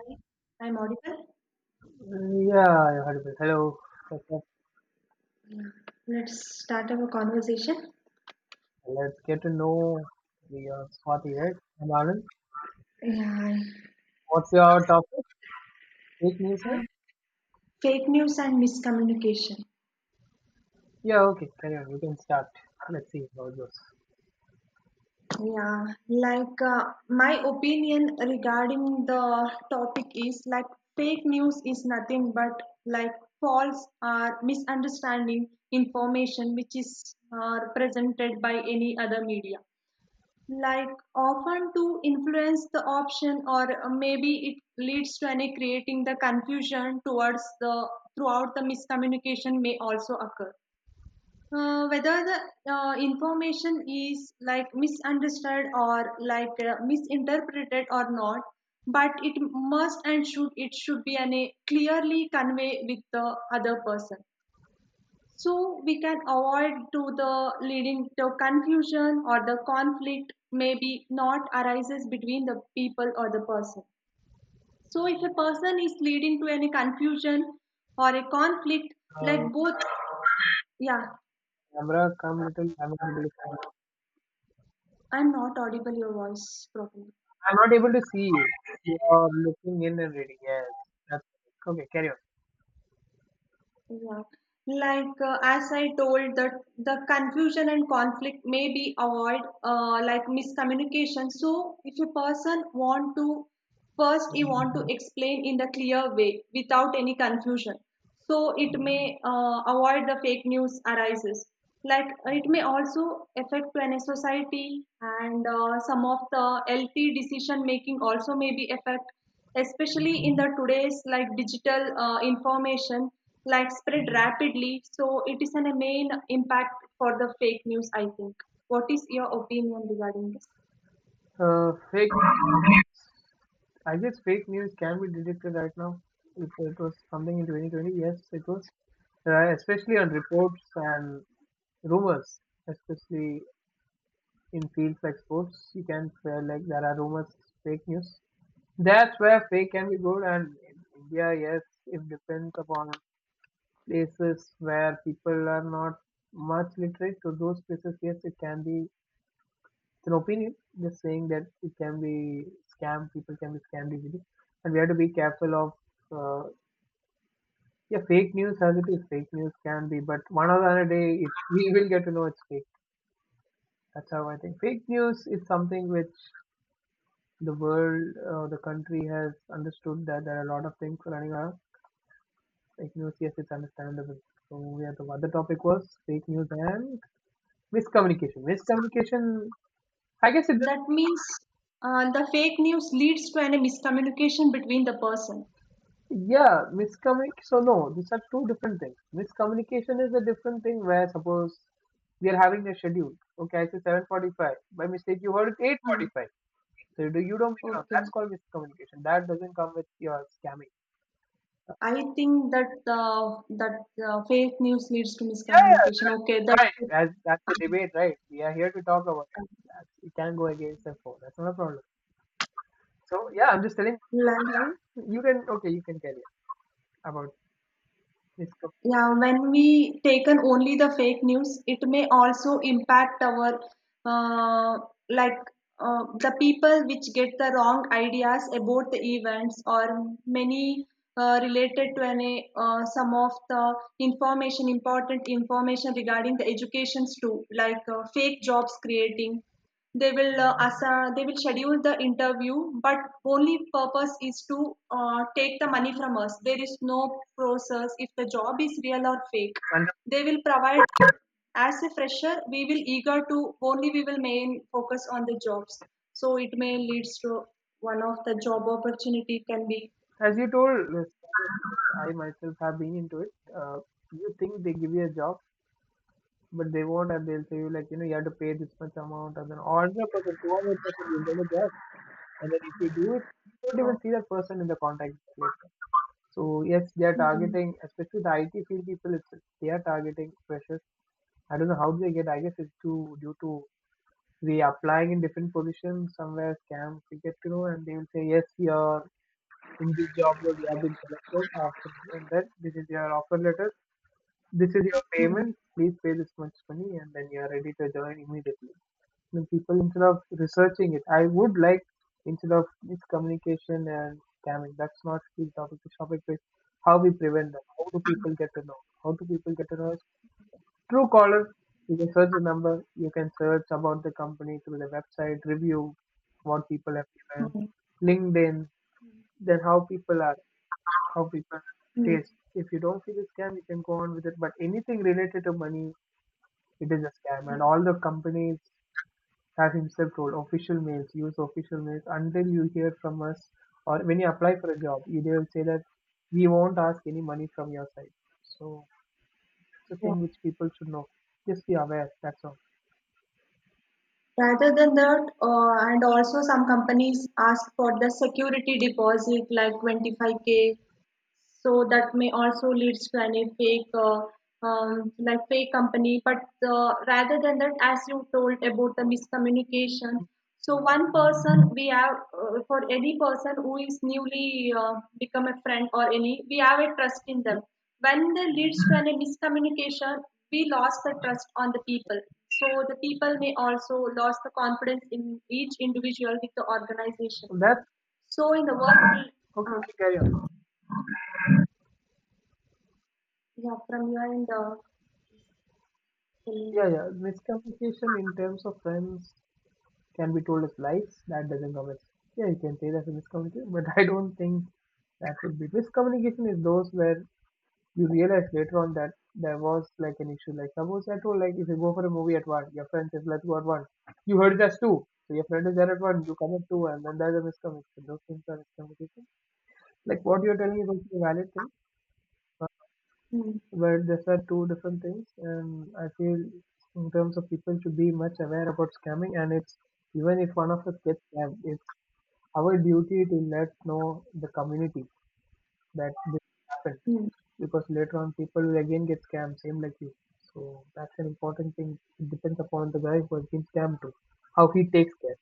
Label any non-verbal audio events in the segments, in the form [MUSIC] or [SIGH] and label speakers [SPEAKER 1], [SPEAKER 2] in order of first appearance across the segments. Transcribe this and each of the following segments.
[SPEAKER 1] Hi, I'm audible.
[SPEAKER 2] Yeah, I heard of it. Hello. What's up?
[SPEAKER 1] Yeah, let's start our conversation.
[SPEAKER 2] Let's get to know your Swati, right? I'm Anand.
[SPEAKER 1] Yeah, I-
[SPEAKER 2] What's your topic? Fake news,
[SPEAKER 1] Uh,
[SPEAKER 2] right?
[SPEAKER 1] Fake news and miscommunication.
[SPEAKER 2] Yeah, okay. Carry on. You can start. Let's see how it goes.
[SPEAKER 1] yeah, Like, uh, my opinion regarding the topic is fake news is nothing but like false or misunderstanding information which is presented by any other media, like often to influence the option, or maybe it leads to any creating the confusion towards the throughout. The miscommunication may also occur, whether the information is like misunderstood or misinterpreted or not, but it must and should, it should be any clearly convey with the other person, so we can avoid to the leading to confusion, or the conflict maybe not arises between the people or the person. So if a person is leading to any confusion or a conflict, like
[SPEAKER 2] Uh,
[SPEAKER 1] both, yeah,
[SPEAKER 2] Camera, come little.
[SPEAKER 1] I'm not audible your voice properly.
[SPEAKER 2] I'm not able to see you. You are looking in and reading. Yes. That's right. Okay. Carry on.
[SPEAKER 1] Yeah, as I told, that the confusion and conflict may be avoid, like miscommunication. So if a person want to, first he want to explain in the clear way without any confusion, so it may avoid the fake news arises, like it may also affect to any society, and some of the healthy decision making also may be affect, especially in the today's like digital information, like spread rapidly, so it is an, a main impact for the fake news, I think. What is your opinion regarding this?
[SPEAKER 2] Fake. I guess fake news can be detected right now. If it was something in 2020, yes, it was. Especially on reports and rumors, especially in fields like sports, you can say like there are rumors, fake news. That's where fake can be good, and in India, yes, it depends upon places where people are not much literate. To those places, yes, it can be. It's an opinion, just saying that it can be scam. People can be scammed easily, and we have to be careful of. Uh, yeah, fake news as it is, fake news can be, but one or the other day, we will get to know it's fake. That's how I think. Fake news is something which the country has understood that there are a lot of things running around. Fake news, yes, it's understandable. So yeah, the other topic was fake news and miscommunication. I guess it,
[SPEAKER 1] That means the fake news leads to any miscommunication between the person.
[SPEAKER 2] yeah, miscommunication. So no, these are two different things. Miscommunication is a different thing where suppose we are having a schedule. Okay, I say 7:45. By mistake, you heard it
[SPEAKER 1] Hmm,
[SPEAKER 2] 8:45. So you don't make it up. That's
[SPEAKER 1] okay.
[SPEAKER 2] called miscommunication. That doesn't come with your scamming.
[SPEAKER 1] I think that fake news leads to miscommunication. Okay,
[SPEAKER 2] Fine, as that's the debate, right? We are here to talk about it. That's, we can go against and for. That's not a problem. So yeah, I'm just telling
[SPEAKER 1] like,
[SPEAKER 2] you. You can Okay, you can carry on about this.
[SPEAKER 1] yeah, when we taken only the fake news, it may also impact our uh, like the people which get the wrong ideas about the events, or many related to any, some of the information, important information regarding the educations too, like fake jobs creating. They will they will schedule the interview, but only purpose is to take the money from us. There is no process if the job is real or fake.
[SPEAKER 2] And
[SPEAKER 1] They will provide as a fresher. We will eager to, only we will main focus on the jobs. So it may leads to one of the job opportunity can be
[SPEAKER 2] as you told, I myself have been into it. You think they give you a job, but they won't, and they'll say you like you know you have to pay this much amount, and then all the person, 200%, will get a job, and then if you do it, you
[SPEAKER 1] you
[SPEAKER 2] don't
[SPEAKER 1] know.
[SPEAKER 2] even see that person in the contact later. So yes, they are
[SPEAKER 1] Hmm.
[SPEAKER 2] targeting, especially the IT field people. They are targeting freshers. I don't know how they get. I guess it's to due to we applying in different positions somewhere scam we get to know, and they will say yes you are in this job role, you have been selected, after and then this is your offer letter, this is your
[SPEAKER 1] Hmm.
[SPEAKER 2] payment, please pay this much money and then you are ready to join immediately. I mean, people instead of researching it I would like, instead of miscommunication and scamming, that's not the topic. The topic is how we prevent them. How do people get to know Truecaller is a search number. You can search about the company through the website, review, what people have given,
[SPEAKER 1] Hmm.
[SPEAKER 2] LinkedIn, then how people are, how people
[SPEAKER 1] Hmm.
[SPEAKER 2] face. If you don't see the scam, you can go on with it. But anything related to money, it is a scam. And
[SPEAKER 1] Hmm.
[SPEAKER 2] all the companies have himself told official mails, use official mails until you hear from us, or when you apply for a job, they will say that we won't ask any money from your side. So it's a
[SPEAKER 1] Yeah.
[SPEAKER 2] thing which people should know. Just be aware. That's all.
[SPEAKER 1] Rather than that, and also some companies ask for the security deposit like 25K, so that may also leads to any fake, like fake company. But rather than that, as you told about the miscommunication, so one person we have, for any person who is newly become a friend or any we have a trust in them, when they leads to any miscommunication, we lost the trust on the people, so the people may also lost the confidence in each individual with the organization,
[SPEAKER 2] That's
[SPEAKER 1] so in the
[SPEAKER 2] Okay.
[SPEAKER 1] work.
[SPEAKER 2] Okay,
[SPEAKER 1] uh,
[SPEAKER 2] carry on.
[SPEAKER 1] yeah, from your end. Mm,
[SPEAKER 2] Yeah, yeah. Miscommunication in terms of friends can be told as lies. That doesn't come as, yeah, you can say that's a miscommunication, but [LAUGHS] I don't think that would be miscommunication is those where you realize later on that there was like an issue. Like suppose I told, like if you go for a movie at one, your friend says let's go at one. You heard it as two. So your friend is there at one, you come at two and then there's a miscommunication. Those things are miscommunication. Like what you're telling is also a valid thing.
[SPEAKER 1] mm,
[SPEAKER 2] But these are two different things, and I feel in terms of people should be much aware about scamming. And it's, even if one of us gets scammed, it's our duty to let know the community that this happened,
[SPEAKER 1] mm.
[SPEAKER 2] because later on people will again get scammed, same like you. So that's an important thing. It depends upon the guy who has been scammed to, how he takes care.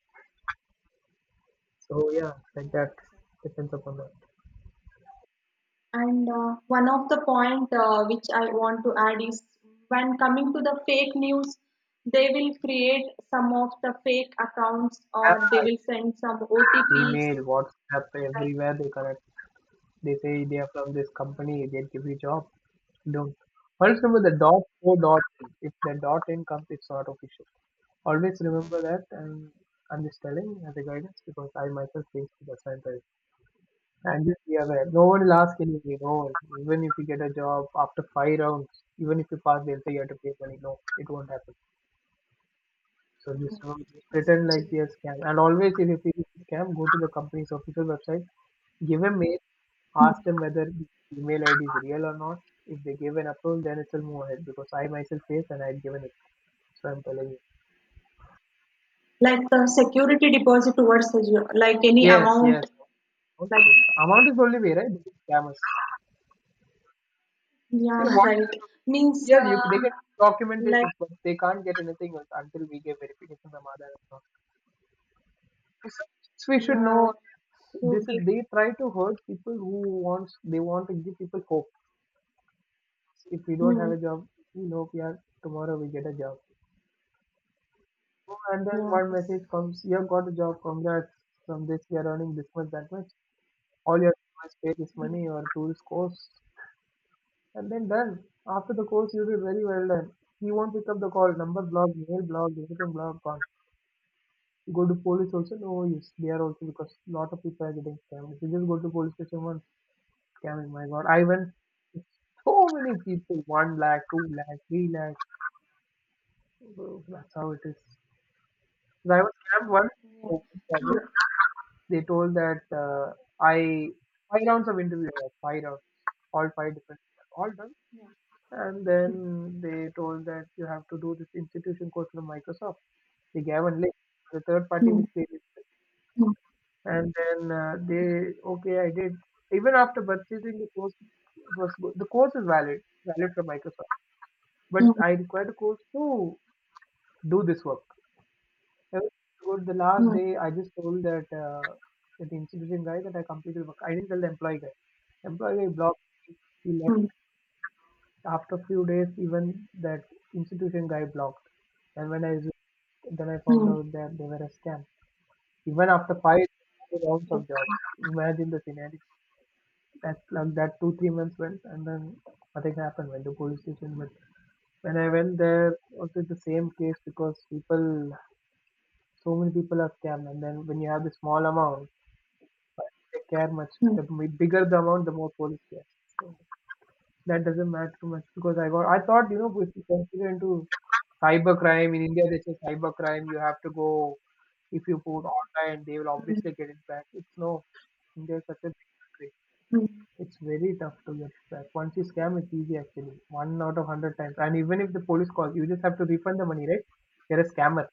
[SPEAKER 2] So yeah, like that depends upon that.
[SPEAKER 1] And one of the point which I want to add is, when coming to the fake news, they will create some of the fake accounts,
[SPEAKER 2] Yeah,
[SPEAKER 1] or they will send some OTPs.
[SPEAKER 2] Gmail, WhatsApp,
[SPEAKER 1] Like,
[SPEAKER 2] everywhere they connect. They say they are from this company, they'll give you job. Don't. Always remember the dot o dot in. If the dot in comes, it's not official. Always remember that, and I'm just telling as a guidance because I myself face the same thing. And just be aware. No one will ask anything. No one. Even if you get a job after five rounds, even if you pass, they'll say you have to pay money. No, it won't happen. So
[SPEAKER 1] mm,
[SPEAKER 2] just remember, just
[SPEAKER 1] yes,
[SPEAKER 2] pretend like
[SPEAKER 1] absolutely.
[SPEAKER 2] they are scam. And always, if you feel it's a scam, go to the company's official website, give a mail,
[SPEAKER 1] Mm.
[SPEAKER 2] ask them whether the email ID is real or not. If they give an approval, then it'll move ahead, because I myself faced and I had given it. So I'm telling you.
[SPEAKER 1] Like the security deposit towards the geo-, like any
[SPEAKER 2] Yes,
[SPEAKER 1] amount,
[SPEAKER 2] yes. Of
[SPEAKER 1] like,
[SPEAKER 2] course. Amount is the only way, right? Scammers.
[SPEAKER 1] yeah,
[SPEAKER 2] Hey,
[SPEAKER 1] [LAUGHS]
[SPEAKER 2] what?
[SPEAKER 1] right. Means,
[SPEAKER 2] Yes, you they can
[SPEAKER 1] like
[SPEAKER 2] documentations, but they can't get anything else until we give verification from other account. So so we should
[SPEAKER 1] yeah,
[SPEAKER 2] know
[SPEAKER 1] so
[SPEAKER 2] this
[SPEAKER 1] big.
[SPEAKER 2] is they try to hurt people who wants, they want to give people hope. If we don't have
[SPEAKER 1] Mm,
[SPEAKER 2] a job, we know we are tomorrow we get a job. And then
[SPEAKER 1] yeah,
[SPEAKER 2] one
[SPEAKER 1] yes.
[SPEAKER 2] message comes, you've got a job, congrats. From this, you're earning this much, that much. All you have to do is pay this money
[SPEAKER 1] Mm,
[SPEAKER 2] or do this course. And then done. After the course, you'll be very well done. He won't pick up the call, number blocked, mail blocked, everything blocked, gone. You go to police also, no use. They are also because lot of people are getting scammed. If you just go to police station once, scamming, my god. I went, so many people, 1 lakh, 2 lakh, 3 lakh. Bro, that's how it is. So I was scammed
[SPEAKER 1] yeah.
[SPEAKER 2] once. They told that I five rounds of interview, five rounds, all five different, all done.
[SPEAKER 1] Mm,
[SPEAKER 2] And then they told that you have to do this institution course from Microsoft. They gave a link, the third party
[SPEAKER 1] mm,
[SPEAKER 2] which they listed.
[SPEAKER 1] mm,
[SPEAKER 2] And then okay, I did. Even after purchasing the course, it was good. The course is valid, valid from Microsoft. But I
[SPEAKER 1] mm,
[SPEAKER 2] required a course to do this work. Everything was good. The last
[SPEAKER 1] mm,
[SPEAKER 2] day, I just told that the institution guy that I completed work. I didn't tell the employee guy. Employee guy blocked me. He left
[SPEAKER 1] mm,
[SPEAKER 2] after a few days. Even that institution guy blocked. And when I resumed, then I found
[SPEAKER 1] mm,
[SPEAKER 2] out that they were a scam. Even after five rounds
[SPEAKER 1] mm,
[SPEAKER 2] of job, imagine the scenario. That like that 2, 3 months went, and then nothing happened. When the police station, but when I went there, also the same case because people, so many people are scammed. And then when you have the small amount. They care much. The bigger the amount, the more police care. So that doesn't matter too much because I got. I thought, you know, if you consider into cyber crime in India, they say cyber crime. You have to go, if you put online, they will
[SPEAKER 1] mm.
[SPEAKER 2] obviously get it back. It's no. India is such a big country.
[SPEAKER 1] Mm.
[SPEAKER 2] It's very tough to get it back. Once you scam, it's easy actually. One out of hundred times. And even if the police calls, you just have to refund the money, right? You're a scammer.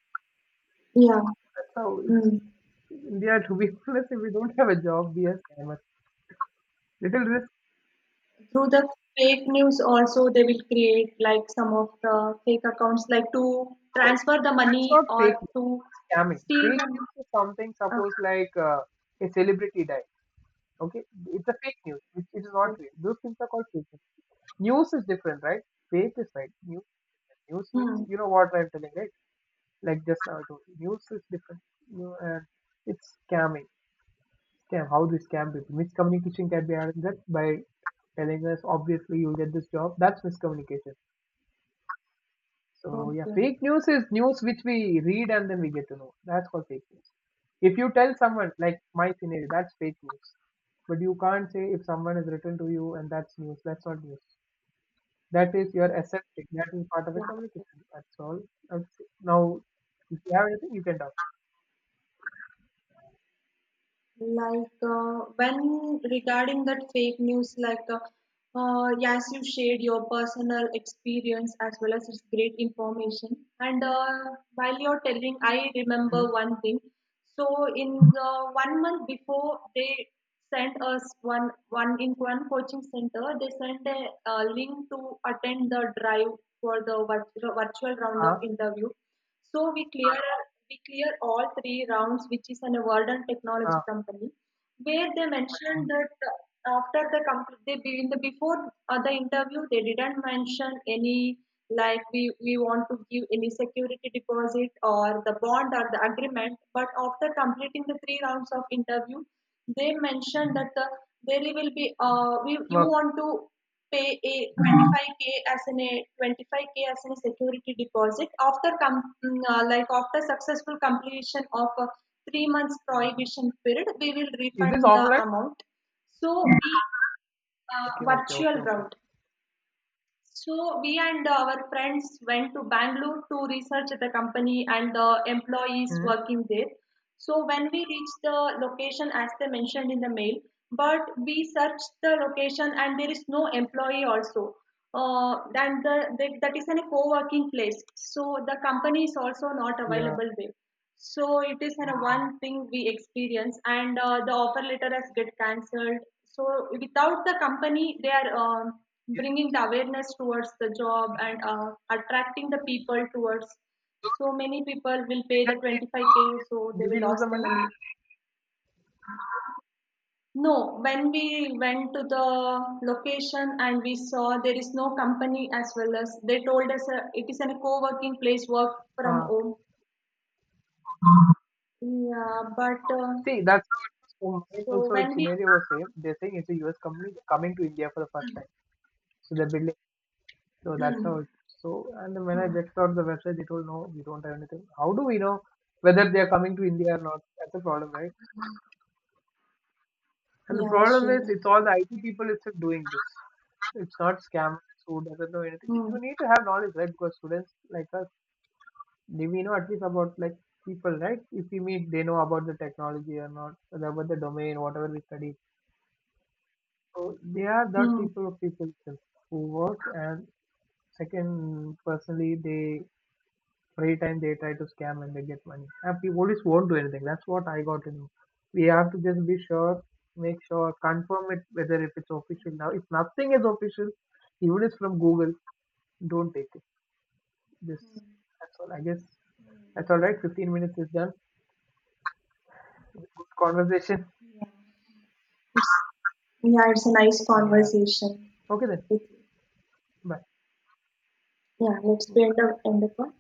[SPEAKER 1] Yeah.
[SPEAKER 2] That's how it's
[SPEAKER 1] Mm.
[SPEAKER 2] India. To be [LAUGHS] honest, if we don't have a job, we are scammers. Little risk.
[SPEAKER 1] Through the fake news also, they will create like some of the fake accounts like to
[SPEAKER 2] No.
[SPEAKER 1] transfer the
[SPEAKER 2] It's
[SPEAKER 1] money,
[SPEAKER 2] not
[SPEAKER 1] or
[SPEAKER 2] fake news,
[SPEAKER 1] to
[SPEAKER 2] it's scamming.
[SPEAKER 1] steal
[SPEAKER 2] Fake news
[SPEAKER 1] the
[SPEAKER 2] is something,
[SPEAKER 1] uh,
[SPEAKER 2] suppose like a celebrity died. Okay, it's a fake news, which it is not
[SPEAKER 1] Okay.
[SPEAKER 2] real. Those things are called fake news. News is different, right? Fake is right. News means
[SPEAKER 1] Mm.
[SPEAKER 2] you know what I'm telling, right? Like just now I told you, news is different. You and it's scamming. Scam. How do we scam people? Miscommunication can be addressed by telling us obviously you'll get this job. That's miscommunication. So yeah,
[SPEAKER 1] Okay.
[SPEAKER 2] fake news is news which we read and then we get to know. That's called fake news. If you tell someone like my scenario, that's fake news. But you can't say if someone has written to you and that's news. That's not news. That is your accepting. That is part of a communication. That's all. I would Now, if you have anything, you can talk.
[SPEAKER 1] When regarding that fake news, yes, you shared your personal experience, as well as it's great information. And while you're telling, I remember
[SPEAKER 2] Mm-hmm.
[SPEAKER 1] one thing. So in the one month before, they sent us one coaching center. They sent a, uh, link to attend the drive for the virtual round of
[SPEAKER 2] Ah,
[SPEAKER 1] interview. So we clear all three rounds, which is an award and technology
[SPEAKER 2] ah,
[SPEAKER 1] company, where they mentioned that after the complete, they be-, in the before the interview, they didn't mention any, like, we want to give any security deposit, or the bond or the agreement. But after completing the three rounds of interview, they mentioned that there will be you
[SPEAKER 2] work.
[SPEAKER 1] want to pay a 25K as an a security deposit, after after successful completion of a 3 months prohibition period, we will
[SPEAKER 2] Is this
[SPEAKER 1] refund the
[SPEAKER 2] offline?
[SPEAKER 1] amount. So we,
[SPEAKER 2] Okay, okay, okay,
[SPEAKER 1] virtual
[SPEAKER 2] okay.
[SPEAKER 1] round. So we and our friends went to Bangalore to research the company and the employees
[SPEAKER 2] Mm-hmm.
[SPEAKER 1] working there. So when we reached the location, as they mentioned in the mail, but we searched the location and there is no employee also. And the, that that is in a co-working place, so the company is also not
[SPEAKER 2] Yeah.
[SPEAKER 1] available there. So it is a one thing we experience, and the offer letter has get cancelled. So without the company, they are, um, bringing the awareness towards the job, and attracting the people towards. So many people will pay the 25K, so they
[SPEAKER 2] Did we
[SPEAKER 1] will
[SPEAKER 2] lose
[SPEAKER 1] lose
[SPEAKER 2] the
[SPEAKER 1] the
[SPEAKER 2] money?
[SPEAKER 1] money. No, when we went to the location and we saw there is no company, as well as they told us it is a co-working place, work from
[SPEAKER 2] Ah.
[SPEAKER 1] home. Yeah, but
[SPEAKER 2] See, that's how it is.
[SPEAKER 1] so
[SPEAKER 2] Also, its
[SPEAKER 1] when we
[SPEAKER 2] scenario was same. They're saying it's a U. S. company coming to India for the first time. So they're building. So that's
[SPEAKER 1] Hmm.
[SPEAKER 2] how. It, so and then when I
[SPEAKER 1] Mm.
[SPEAKER 2] checked out the website, they told no, we don't have anything. How do we know whether they are coming to India or not? That's the problem, right? And the
[SPEAKER 1] Yeah,
[SPEAKER 2] problem is,
[SPEAKER 1] sure.
[SPEAKER 2] it's all the IT people itself doing this. It's not scammers who doesn't know anything.
[SPEAKER 1] Hmm.
[SPEAKER 2] You need to have knowledge, right? Because students like us, we know at least about like people, right? If we meet, they know about the technology or not, about the domain, whatever we study. So they are the
[SPEAKER 1] Hmm.
[SPEAKER 2] type of people who work and second personally they free time they try to scam and they get money. And police won't do anything. That's what I got to know. We have to just be sure, make sure, confirm it whether if it's official now. If nothing is official, even it's from Google, don't take it. This That's all. I guess that's all right. 15 minutes is done. Good conversation.
[SPEAKER 1] Yeah, it's a nice
[SPEAKER 2] Yeah.
[SPEAKER 1] conversation
[SPEAKER 2] Okay then.
[SPEAKER 1] with you.
[SPEAKER 2] Bye.
[SPEAKER 1] Yeah, let's end up on